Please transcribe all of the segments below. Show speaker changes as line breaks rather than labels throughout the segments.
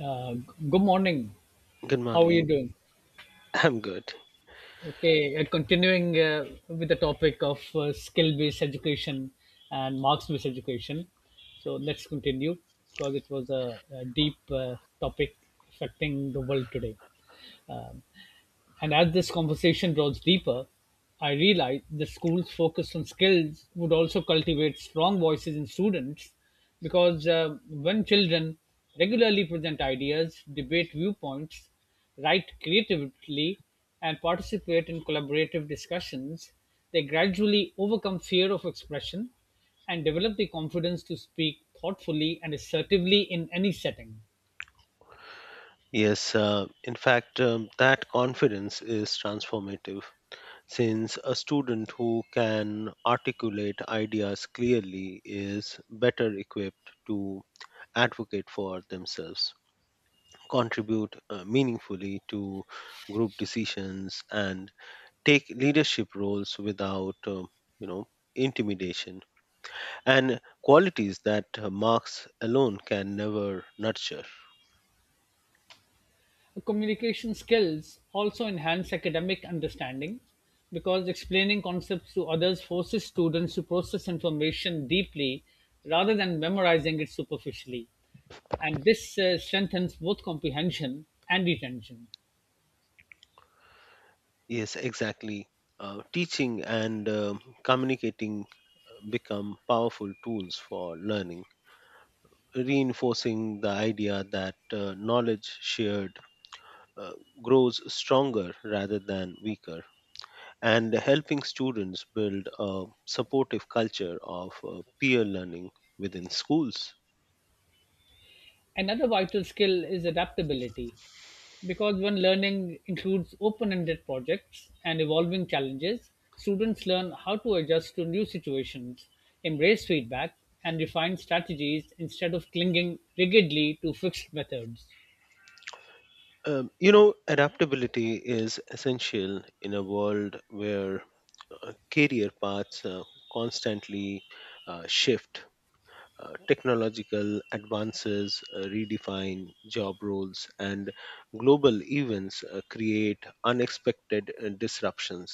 Uh, Good morning.
Good
How are you
morning.
doing?
I'm good.
Okay, continuing with the topic of skill based education and marks based education. So let's continue because it was a deep topic affecting the world today. Um, and as this conversation draws deeper, I realize the schools focused on skills would also cultivate strong voices in students because when children regularly present ideas, debate viewpoints, write creatively, and participate in collaborative discussions, they gradually overcome fear of expression and develop the confidence to speak thoughtfully and assertively in any setting.
Yes, in fact, that confidence is transformative since a student who can articulate ideas clearly is better equipped to advocate for themselves, contribute meaningfully to group decisions, and take leadership roles without, you know, intimidation and qualities that marks alone can never nurture.
Communication skills also enhance academic understanding because explaining concepts to others forces students to process information deeply rather than memorizing it superficially. And this strengthens both comprehension and retention.
Yes, exactly. Teaching and communicating become powerful tools for learning, reinforcing the idea that knowledge shared uh, grows stronger rather than weaker, and helping students build a supportive culture of peer learning within schools.
Another vital skill is adaptability, because when learning includes open ended projects and evolving challenges, students learn how to adjust to new situations, embrace feedback, and refine strategies instead of clinging rigidly to fixed methods.
You know, adaptability is essential in a world where career paths constantly shift. Technological advances redefine job roles, and global events create unexpected disruptions.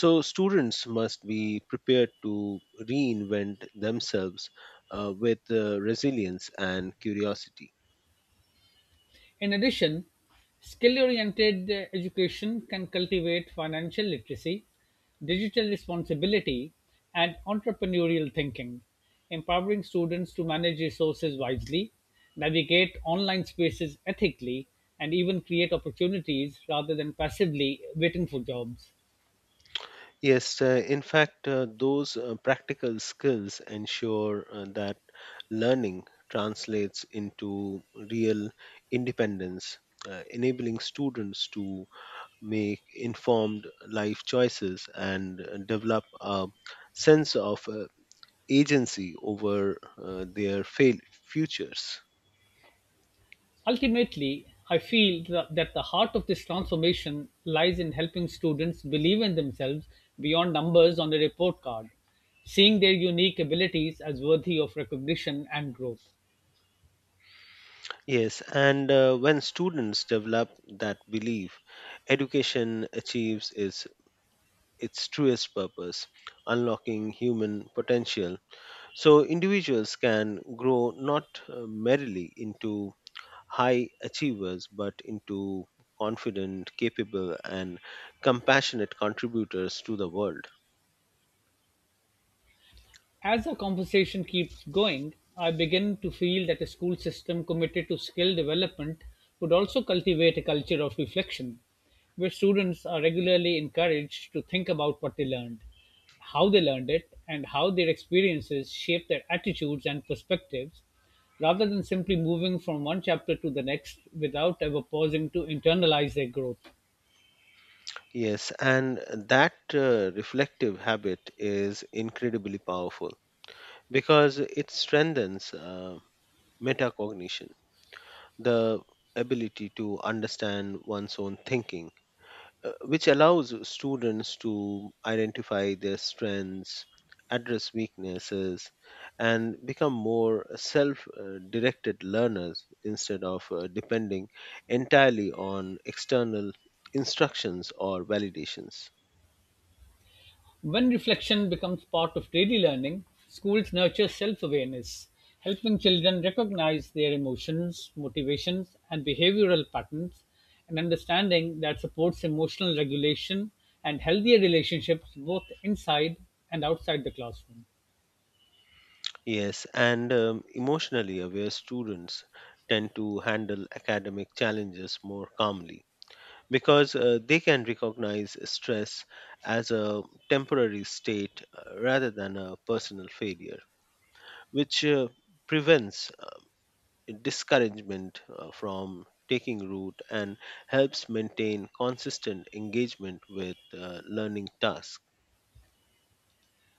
So, students must be prepared to reinvent themselves with resilience and curiosity.
In addition, skill-oriented education can cultivate financial literacy, digital responsibility, and entrepreneurial thinking, empowering students to manage resources wisely, navigate online spaces ethically, and even create opportunities rather than passively waiting for jobs.
Yes, in fact, those practical skills ensure that learning translates into real independence, enabling students to make informed life choices and develop a sense of agency over their futures.
Ultimately, I feel that the heart of this transformation lies in helping students believe in themselves beyond numbers on a report card, seeing their unique abilities as worthy of recognition and growth.
Yes, and when students develop that belief, education achieves its truest purpose, unlocking human potential. So individuals can grow not merely into high achievers, but into confident, capable, and compassionate contributors to the world.
As the conversation keeps going, I begin to feel that a school system committed to skill development would also cultivate a culture of reflection, where students are regularly encouraged to think about what they learned, how they learned it, and how their experiences shape their attitudes and perspectives, rather than simply moving from one chapter to the next without ever pausing to internalize their growth.
Yes, and that reflective habit is incredibly powerful because it strengthens metacognition, the ability to understand one's own thinking which allows students to identify their strengths, address weaknesses, and become more self directed learners instead of depending entirely on external instructions or validations.
When reflection becomes part of daily learning, schools nurture self awareness, helping children recognize their emotions, motivations, and behavioral patterns, an understanding that supports emotional regulation and healthier relationships both inside and outside the classroom.
Yes, and emotionally aware students tend to handle academic challenges more calmly because they can recognize stress as a temporary state rather than a personal failure, which prevents discouragement from taking root and helps maintain consistent engagement with learning tasks.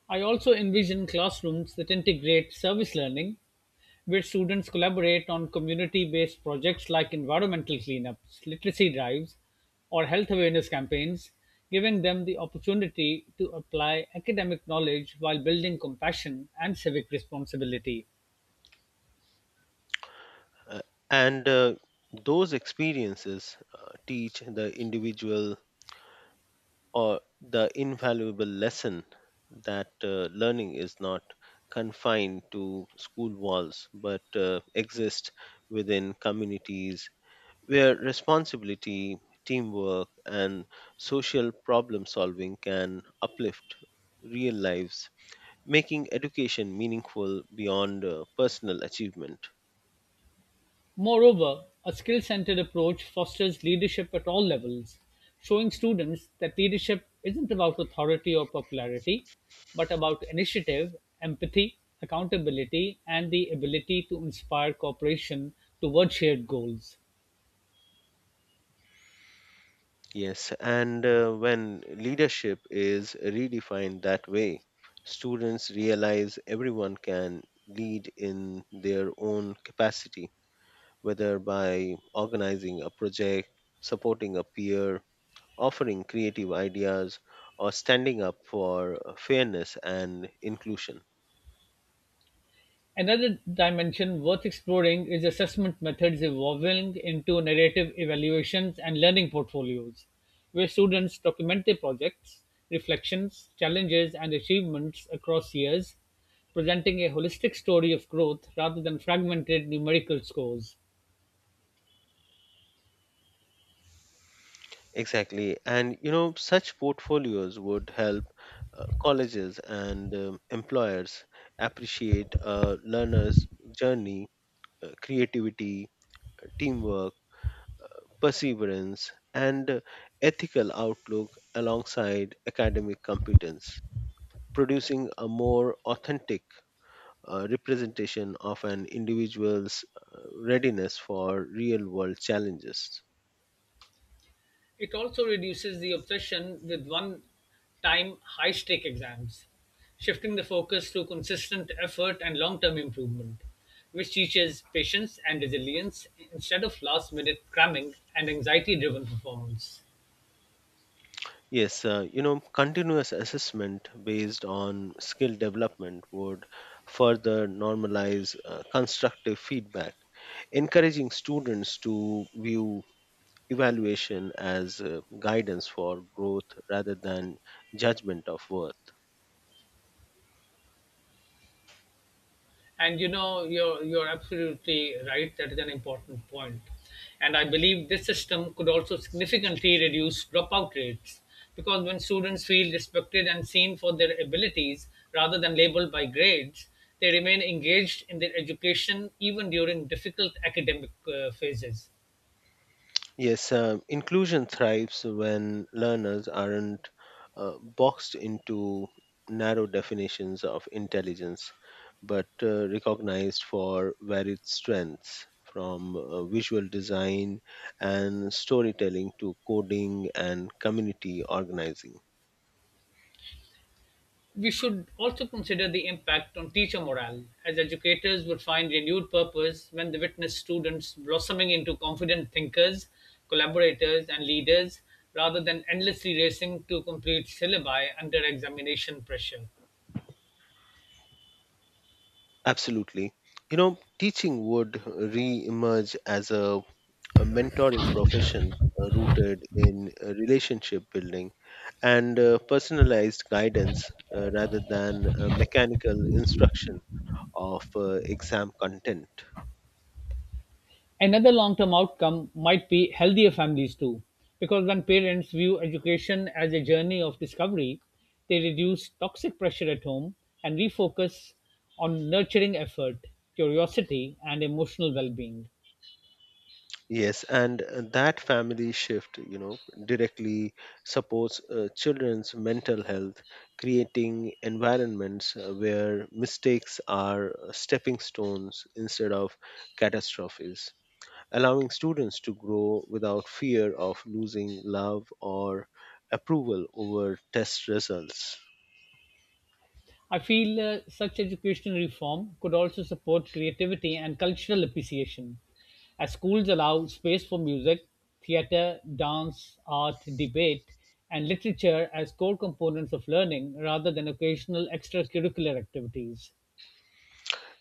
I also envision classrooms that integrate service learning where students collaborate on community-based projects like environmental cleanups, literacy drives, or health awareness campaigns, giving them the opportunity to apply academic knowledge while building compassion and civic responsibility.
Uh, and those experiences teach the individual or the invaluable lesson that learning is not confined to school walls but exists within communities where responsibility, teamwork, and social problem solving can uplift real lives, making education meaningful beyond personal achievement.
Moreover, a skill-centered approach fosters leadership at all levels, showing students that leadership isn't about authority or popularity, but about initiative, empathy, accountability, and the ability to inspire cooperation toward shared goals.
Yes, and when leadership is redefined that way, students realize everyone can lead in their own capacity, whether by organizing a project, supporting a peer, offering creative ideas, or standing up for fairness and inclusion.
Another dimension worth exploring is assessment methods evolving into narrative evaluations and learning portfolios, where students document their projects, reflections, challenges, and achievements across years, presenting a holistic story of growth rather than fragmented numerical scores.
Exactly. And you know, such portfolios would help colleges and employers appreciate a learner's journey, creativity, teamwork, perseverance, and ethical outlook alongside academic competence, producing a more authentic representation of an individual's readiness for real world challenges.
It also reduces the obsession with one time high stake exams, shifting the focus to consistent effort and long term improvement, which teaches patience and resilience instead of last minute cramming and anxiety driven performance.
Yes, you know, continuous assessment based on skill development would further normalize constructive feedback, encouraging students to view evaluation as guidance for growth rather than judgment of worth.
And you know, you're absolutely right. That is an important point. And I believe this system could also significantly reduce dropout rates because when students feel respected and seen for their abilities rather than labeled by grades, they remain engaged in their education even during difficult academic phases.
Yes, inclusion thrives when learners aren't boxed into narrow definitions of intelligence, but recognized for varied strengths, from visual design and storytelling to coding and community organizing.
We should also consider the impact on teacher morale, as educators would find renewed purpose when they witness students blossoming into confident thinkers, collaborators, and leaders rather than endlessly racing to complete syllabi under examination pressure.
Absolutely. You know, teaching would re emerge as a mentoring profession rooted in relationship building and personalized guidance rather than mechanical instruction of exam content.
Another long-term outcome might be healthier families too, because when parents view education as a journey of discovery, they reduce toxic pressure at home and refocus on nurturing effort, curiosity, and emotional well-being.
Yes, and that family shift, you know, directly supports children's mental health, creating environments where mistakes are stepping stones instead of catastrophes, allowing students to grow without fear of losing love or approval over test results.
I feel such educational reform could also support creativity and cultural appreciation, as schools allow space for music, theatre, dance, art, debate, and literature as core components of learning rather than occasional extracurricular activities.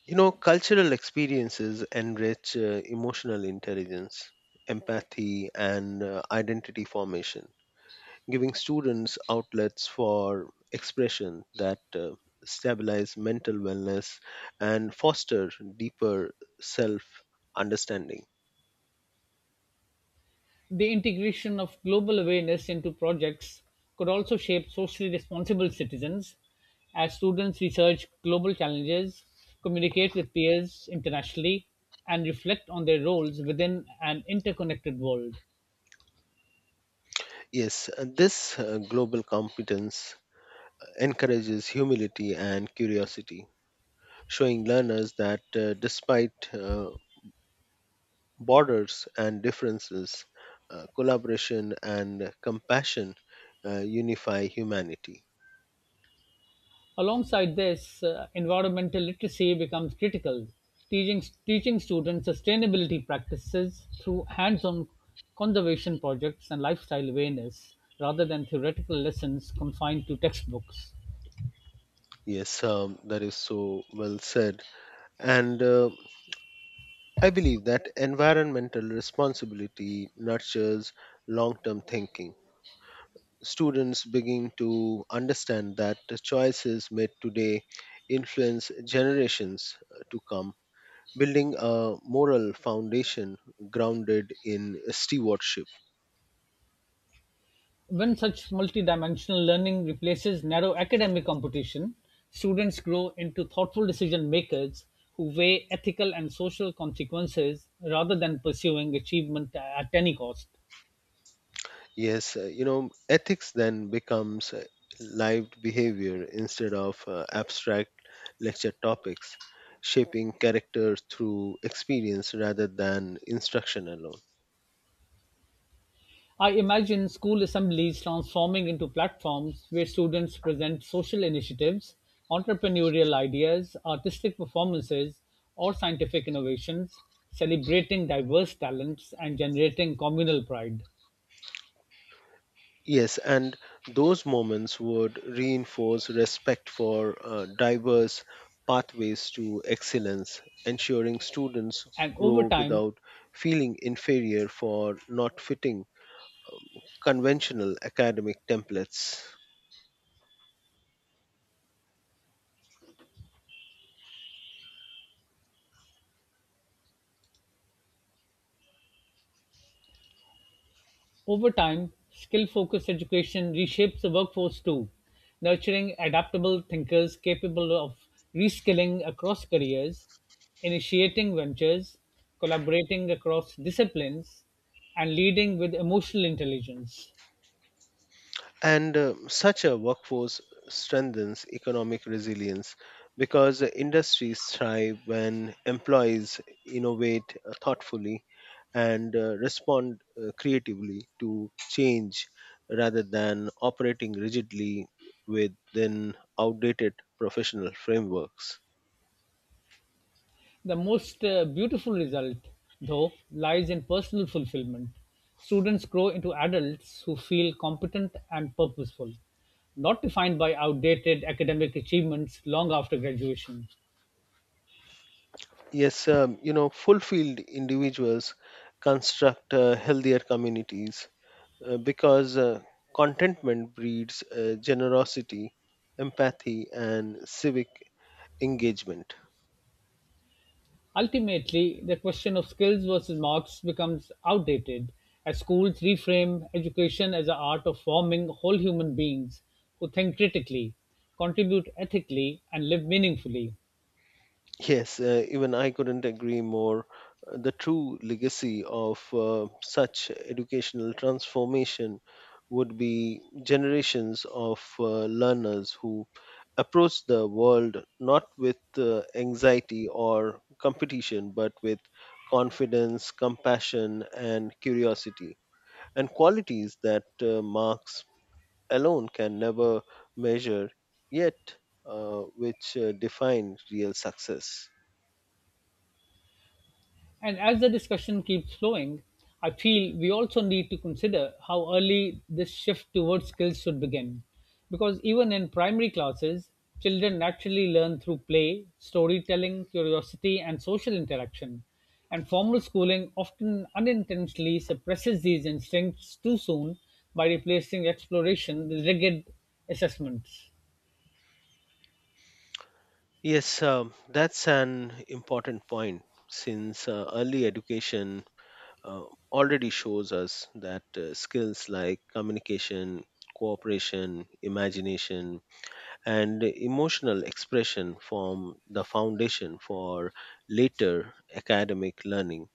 You know, cultural experiences enrich emotional intelligence, empathy, and identity formation, giving students outlets for expression that stabilize mental wellness and foster deeper self understanding.
The integration of global awareness into projects could also shape socially responsible citizens as students research global challenges, communicate with peers internationally, and reflect on their roles within an interconnected world.
Yes, this global competence encourages humility and curiosity, showing learners that despite borders and differences, collaboration and compassion unify humanity.
Alongside this, environmental literacy becomes critical. Teaching students sustainability practices through hands on conservation projects and lifestyle awareness rather than theoretical lessons confined to textbooks.
Yes, that is so well said. And I believe that environmental responsibility nurtures long term thinking. Students begin to understand that the choices made today influence generations to come, building a moral foundation grounded in stewardship.
When such multidimensional learning replaces narrow academic competition, students grow into thoughtful decision makers who weigh ethical and social consequences rather than pursuing achievement at any cost.
Yes, you know, ethics then becomes lived behavior instead of abstract lecture topics, shaping character through experience rather than instruction alone.
I imagine school assemblies transforming into platforms where students present social initiatives, entrepreneurial ideas, artistic performances, or scientific innovations, celebrating diverse talents and generating communal pride.
Yes, and those moments would reinforce respect for diverse pathways to excellence, ensuring students
And over
grow
time,
without feeling inferior for not fitting conventional academic templates.
Over time, skill-focused education reshapes the workforce too, nurturing adaptable thinkers capable of reskilling across careers, initiating ventures, collaborating across disciplines, and leading with emotional intelligence.
And such a workforce strengthens economic resilience because the industries thrive when employees innovate thoughtfully and respond creatively to change rather than operating rigidly within outdated professional frameworks.
The most beautiful result, though, lies in personal fulfillment. Students grow into adults who feel competent and purposeful, not defined by outdated academic achievements long after graduation.
Yes, you know, fulfilled individuals construct healthier communities because contentment breeds generosity, empathy, and civic engagement.
Ultimately, the question of skills versus marks becomes outdated as schools reframe education as the art of forming whole human beings who think critically, contribute ethically, and live meaningfully.
Yes, even I couldn't agree more. The true legacy of such educational transformation would be generations of learners who approach the world not with anxiety or competition, but with confidence, compassion, and curiosity, and qualities that marks alone can never measure, yet which define real success.
And as the discussion keeps flowing, I feel we also need to consider how early this shift towards skills should begin. Because even in primary classes, children naturally learn through play, storytelling, curiosity, and social interaction. And formal schooling often unintentionally suppresses these instincts too soon by replacing exploration with rigid assessments.
Yes, that's an important point since early education uh, already shows us that skills like communication, cooperation, imagination, and emotional expression form the foundation for later academic learning.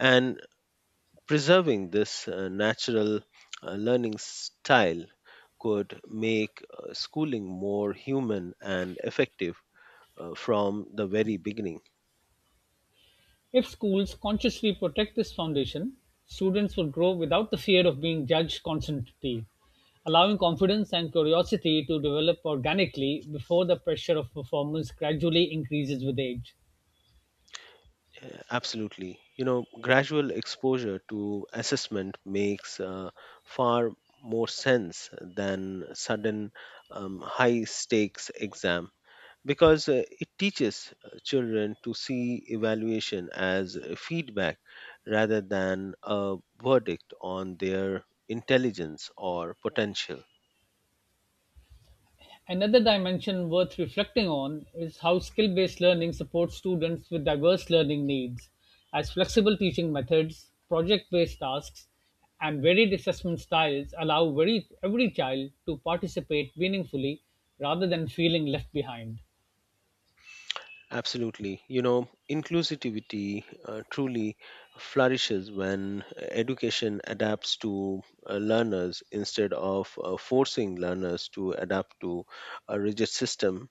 And preserving this natural learning style could make schooling more human and effective from the very beginning.
If schools consciously protect this foundation, students will grow without the fear of being judged constantly, allowing confidence and curiosity to develop organically before the pressure of performance gradually increases with age.
Absolutely. You know, gradual exposure to assessment makes far more sense than sudden high stakes exam because it teaches children to see evaluation as feedback rather than a verdict on their intelligence or potential.
Another dimension worth reflecting on is how skill based learning supports students with diverse learning needs, as flexible teaching methods, project based tasks, and varied assessment styles allow every child to participate meaningfully rather than feeling left behind.
Absolutely. You know, inclusivity truly flourishes when education adapts to learners instead of forcing learners to adapt to a rigid system,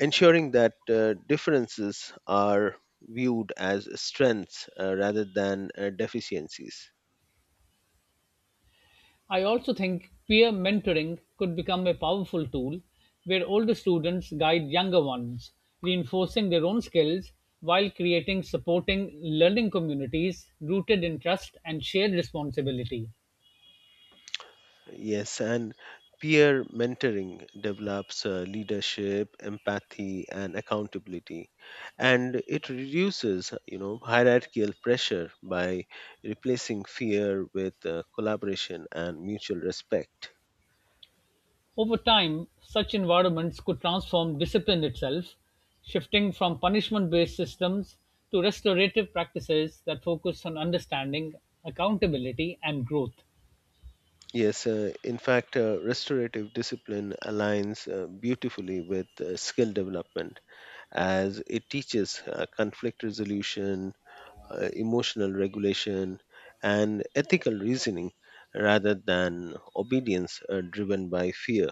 ensuring that differences are viewed as strengths rather than deficiencies.
I also think peer mentoring could become a powerful tool where older students guide younger ones, reinforcing their own skills while creating supporting learning communities rooted in trust and shared responsibility.
Yes, and peer mentoring develops leadership, empathy, and accountability, and it reduces, you know, hierarchical pressure by replacing fear with collaboration and mutual respect.
Over time, such environments could transform discipline itself, shifting from punishment based systems to restorative practices that focus on understanding, accountability, and growth.
Yes, in fact, restorative discipline aligns beautifully with skill development as it teaches conflict resolution, emotional regulation, and ethical reasoning rather than obedience driven by fear.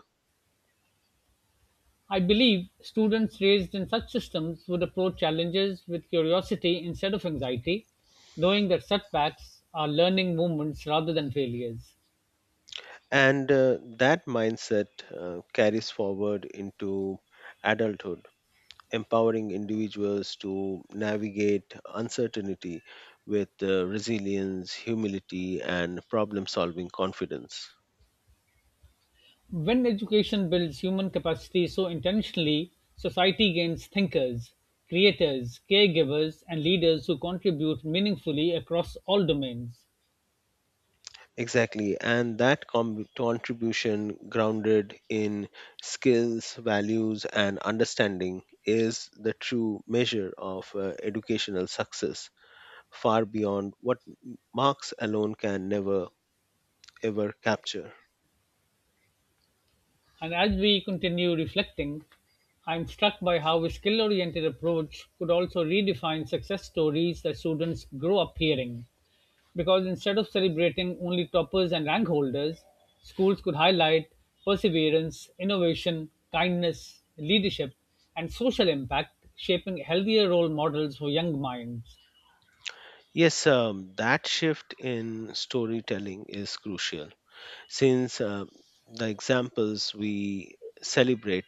I believe students raised in such systems would approach challenges with curiosity instead of anxiety, knowing that setbacks are learning moments rather than failures.
And that mindset carries forward into adulthood, empowering individuals to navigate uncertainty with resilience, humility, and problem solving confidence.
When education builds human capacity so intentionally, society gains thinkers, creators, caregivers, and leaders who contribute meaningfully across all domains.
Exactly, and that contribution grounded in skills, values, and understanding is the true measure of educational success, far beyond what marks alone can never ever capture.
And as we continue reflecting, I'm struck by how a skill oriented approach could also redefine success stories that students grow up hearing. Because instead of celebrating only toppers and rank holders, schools could highlight perseverance, innovation, kindness, leadership, and social impact, shaping healthier role models for young minds.
Yes, that shift in storytelling is crucial since the examples we celebrate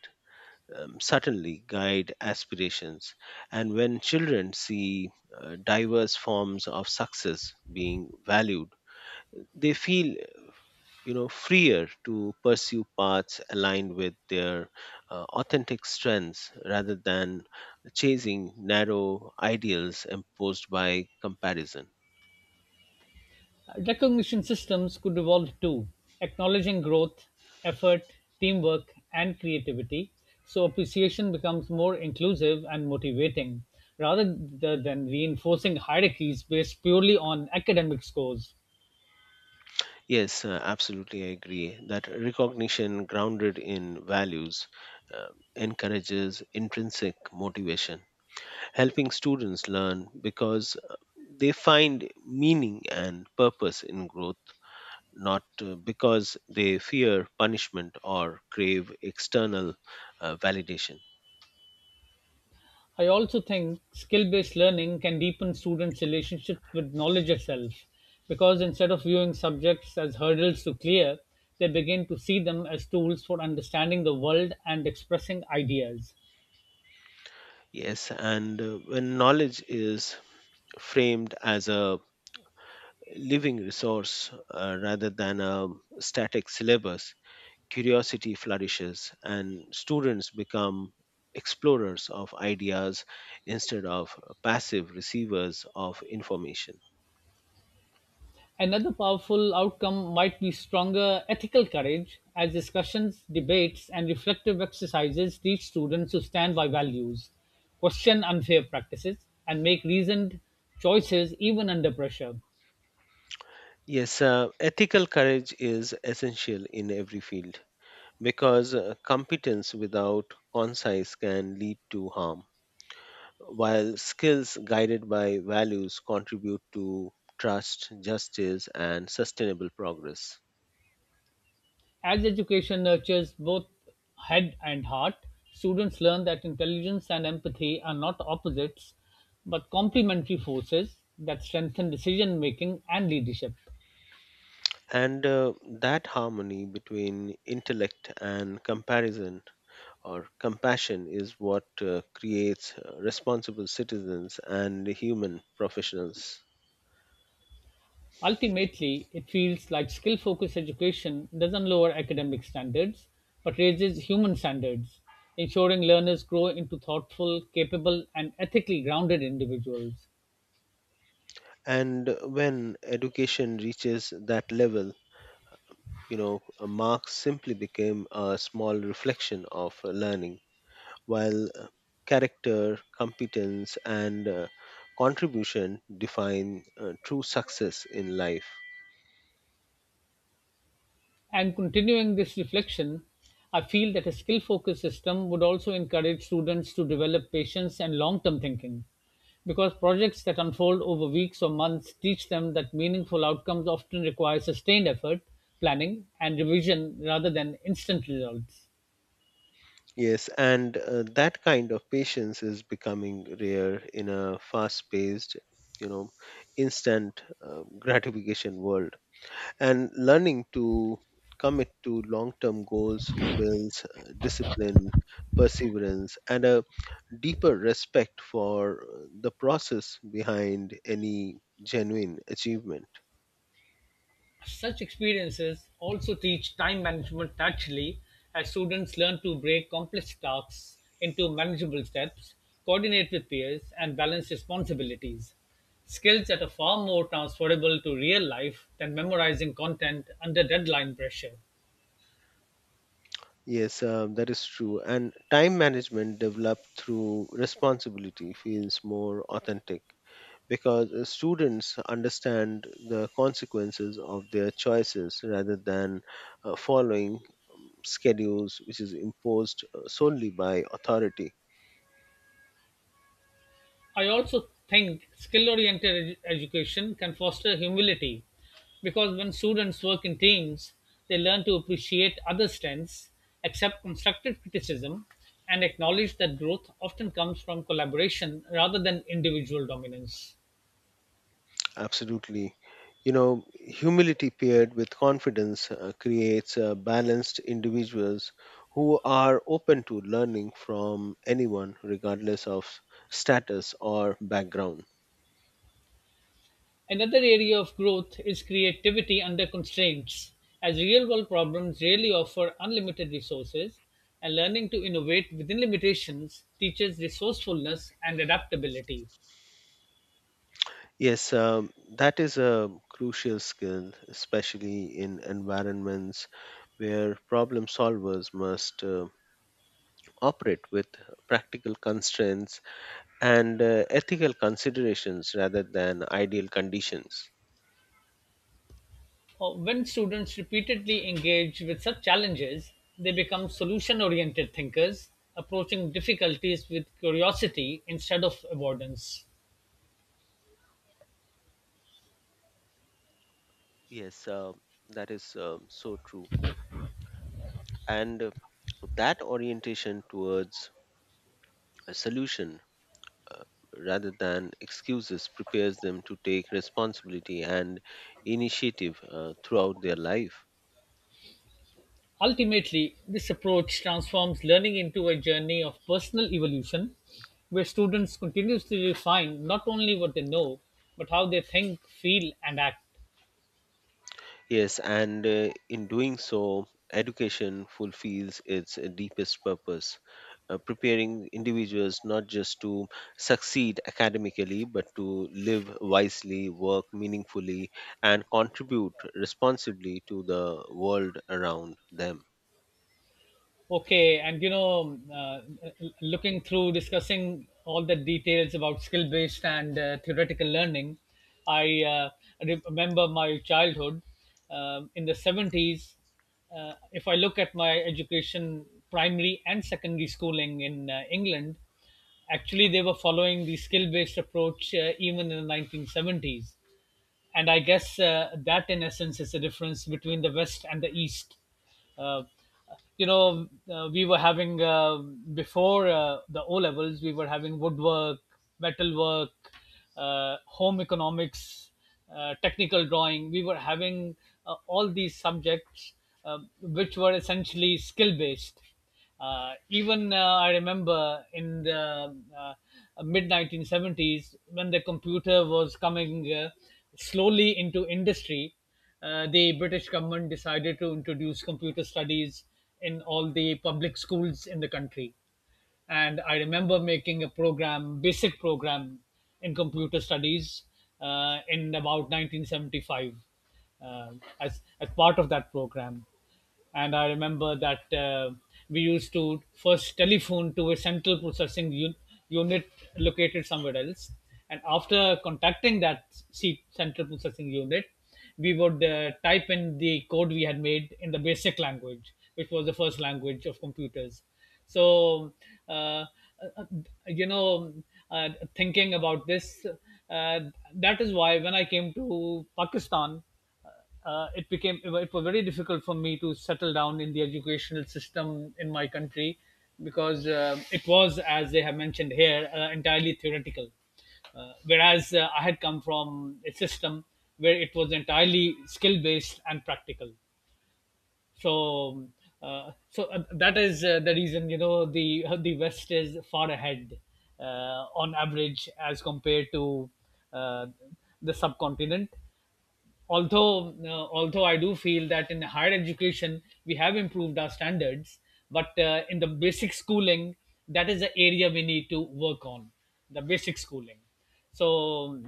certainly guide aspirations. And when children see diverse forms of success being valued, they feel, you know, freer to pursue paths aligned with their authentic strengths rather than chasing narrow ideals imposed by comparison.
Recognition systems could evolve too, acknowledging growth, effort, teamwork, and creativity, so appreciation becomes more inclusive and motivating, rather than reinforcing hierarchies based purely on academic scores.
Yes, absolutely, I agree that recognition grounded in values uh, encourages intrinsic motivation, helping students learn because they find meaning and purpose in growth, not because they fear punishment or crave external validation.
I also think skill based learning can deepen students' relationships with knowledge itself because instead of viewing subjects as hurdles to clear, they begin to see them as tools for understanding the world and expressing ideas.
Yes, and when knowledge is framed as a living resource rather than a static syllabus, curiosity flourishes and students become explorers of ideas instead of passive receivers of information.
Another powerful outcome might be stronger ethical courage as discussions, debates, and reflective exercises teach students to stand by values, question unfair practices, and make reasoned choices even under pressure.
Yes, ethical courage is essential in every field because competence without conscience can lead to harm, while skills guided by values contribute to trust, justice, and sustainable progress.
As education nurtures both head and heart, students learn that intelligence and empathy are not opposites but complementary forces that strengthen decision making and leadership.
And that harmony between intellect and comparison or compassion is what creates responsible citizens and human professionals.
Ultimately, it feels like skill focused education doesn't lower academic standards but raises human standards, ensuring learners grow into thoughtful, capable, and ethically grounded individuals.
And when education reaches that level, you know, marks simply became a small reflection of learning, while character, competence, and contribution define true success in life.
And continuing this reflection, I feel that a skill focused system would also encourage students to develop patience and long term thinking because projects that unfold over weeks or months teach them that meaningful outcomes often require sustained effort, planning, and revision rather than instant results.
Yes, and that kind of patience is becoming rare in a fast paced, you know, instant gratification world. And learning to commit to long term goals builds discipline, perseverance, and a deeper respect for the process behind any genuine achievement.
Such experiences also teach time management naturally as students learn to break complex tasks into manageable steps, coordinate with peers, and balance responsibilities. Skills that are far more transferable to real life than memorizing content under deadline pressure.
Yes, that is true. And time management developed through responsibility feels more authentic because students understand the consequences of their choices rather than following schedules which is imposed solely by authority.
I also think skill oriented education can foster humility because when students work in teams, they learn to appreciate other strengths, accept constructive criticism, and acknowledge that growth often comes from collaboration rather than individual dominance.
Absolutely. You know, humility paired with confidence creates balanced individuals who are open to learning from anyone, regardless of status or background.
Another area of growth is creativity under constraints, as real world problems rarely offer unlimited resources, and learning to innovate within limitations teaches resourcefulness and adaptability.
Yes, that is a crucial skill, especially in environments where problem solvers must operate with practical constraints and ethical considerations rather than ideal conditions.
When students repeatedly engage with such challenges, they become solution-oriented thinkers, approaching difficulties with curiosity instead of avoidance.
Yes, that is so true. And that orientation towards a solution uh, rather than excuses prepares them to take responsibility and initiative throughout their life.
Ultimately, this approach transforms learning into a journey of personal evolution where students continuously refine not only what they know, but how they think, feel, and act.
Yes, and in doing so, education fulfills its deepest purpose, preparing individuals not just to succeed academically, but to live wisely, work meaningfully, and contribute responsibly to the world around them.
Okay, and you know, looking through discussing all the details about skill based and theoretical learning, I remember my childhood in the 70s. If I look at my education, primary and secondary schooling in England, actually they were following the skill based approach even in the 1970s, and I guess that, in essence, is the difference between the West and the East. Uh, we were having before the O levels, we were having woodwork, metalwork, home economics, technical drawing. We were having all these subjects which were essentially skill based. Even I remember in the mid 1970s when the computer was coming slowly into industry, the British government decided to introduce computer studies in all the public schools in the country, and I remember making a program, basic program, in computer studies in about 1975, uh, as part of that program. And I remember that we used to first telephone to a unit located somewhere else, and after contacting that central processing unit we would type in the code we had made in the basic language, which was the first language of computers. So, uh, uh, you know, uh, thinking about this, uh, that is why when I came to Pakistan, it was very difficult for me to settle down in the educational system in my country because it was, as they have mentioned here, entirely theoretical, whereas I had come from a system where it was entirely skill based and practical. So uh, so uh, that is the reason, you know, the West is far ahead on average as compared to uh, the subcontinent, although I do feel that in higher education we have improved our standards, but in the basic schooling, that is the area we need to work on, the basic schooling. So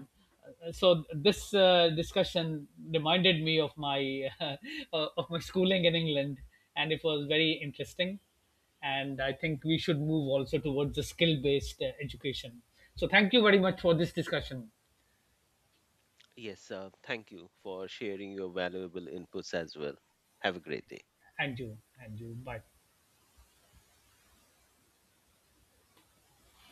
so this discussion reminded me of my of my schooling in England, and it was very interesting. And I think we should move also towards the skill based education. So thank you very much for this discussion.
Yes, thank you for sharing your valuable inputs as well. Have a great day.
And you, bye.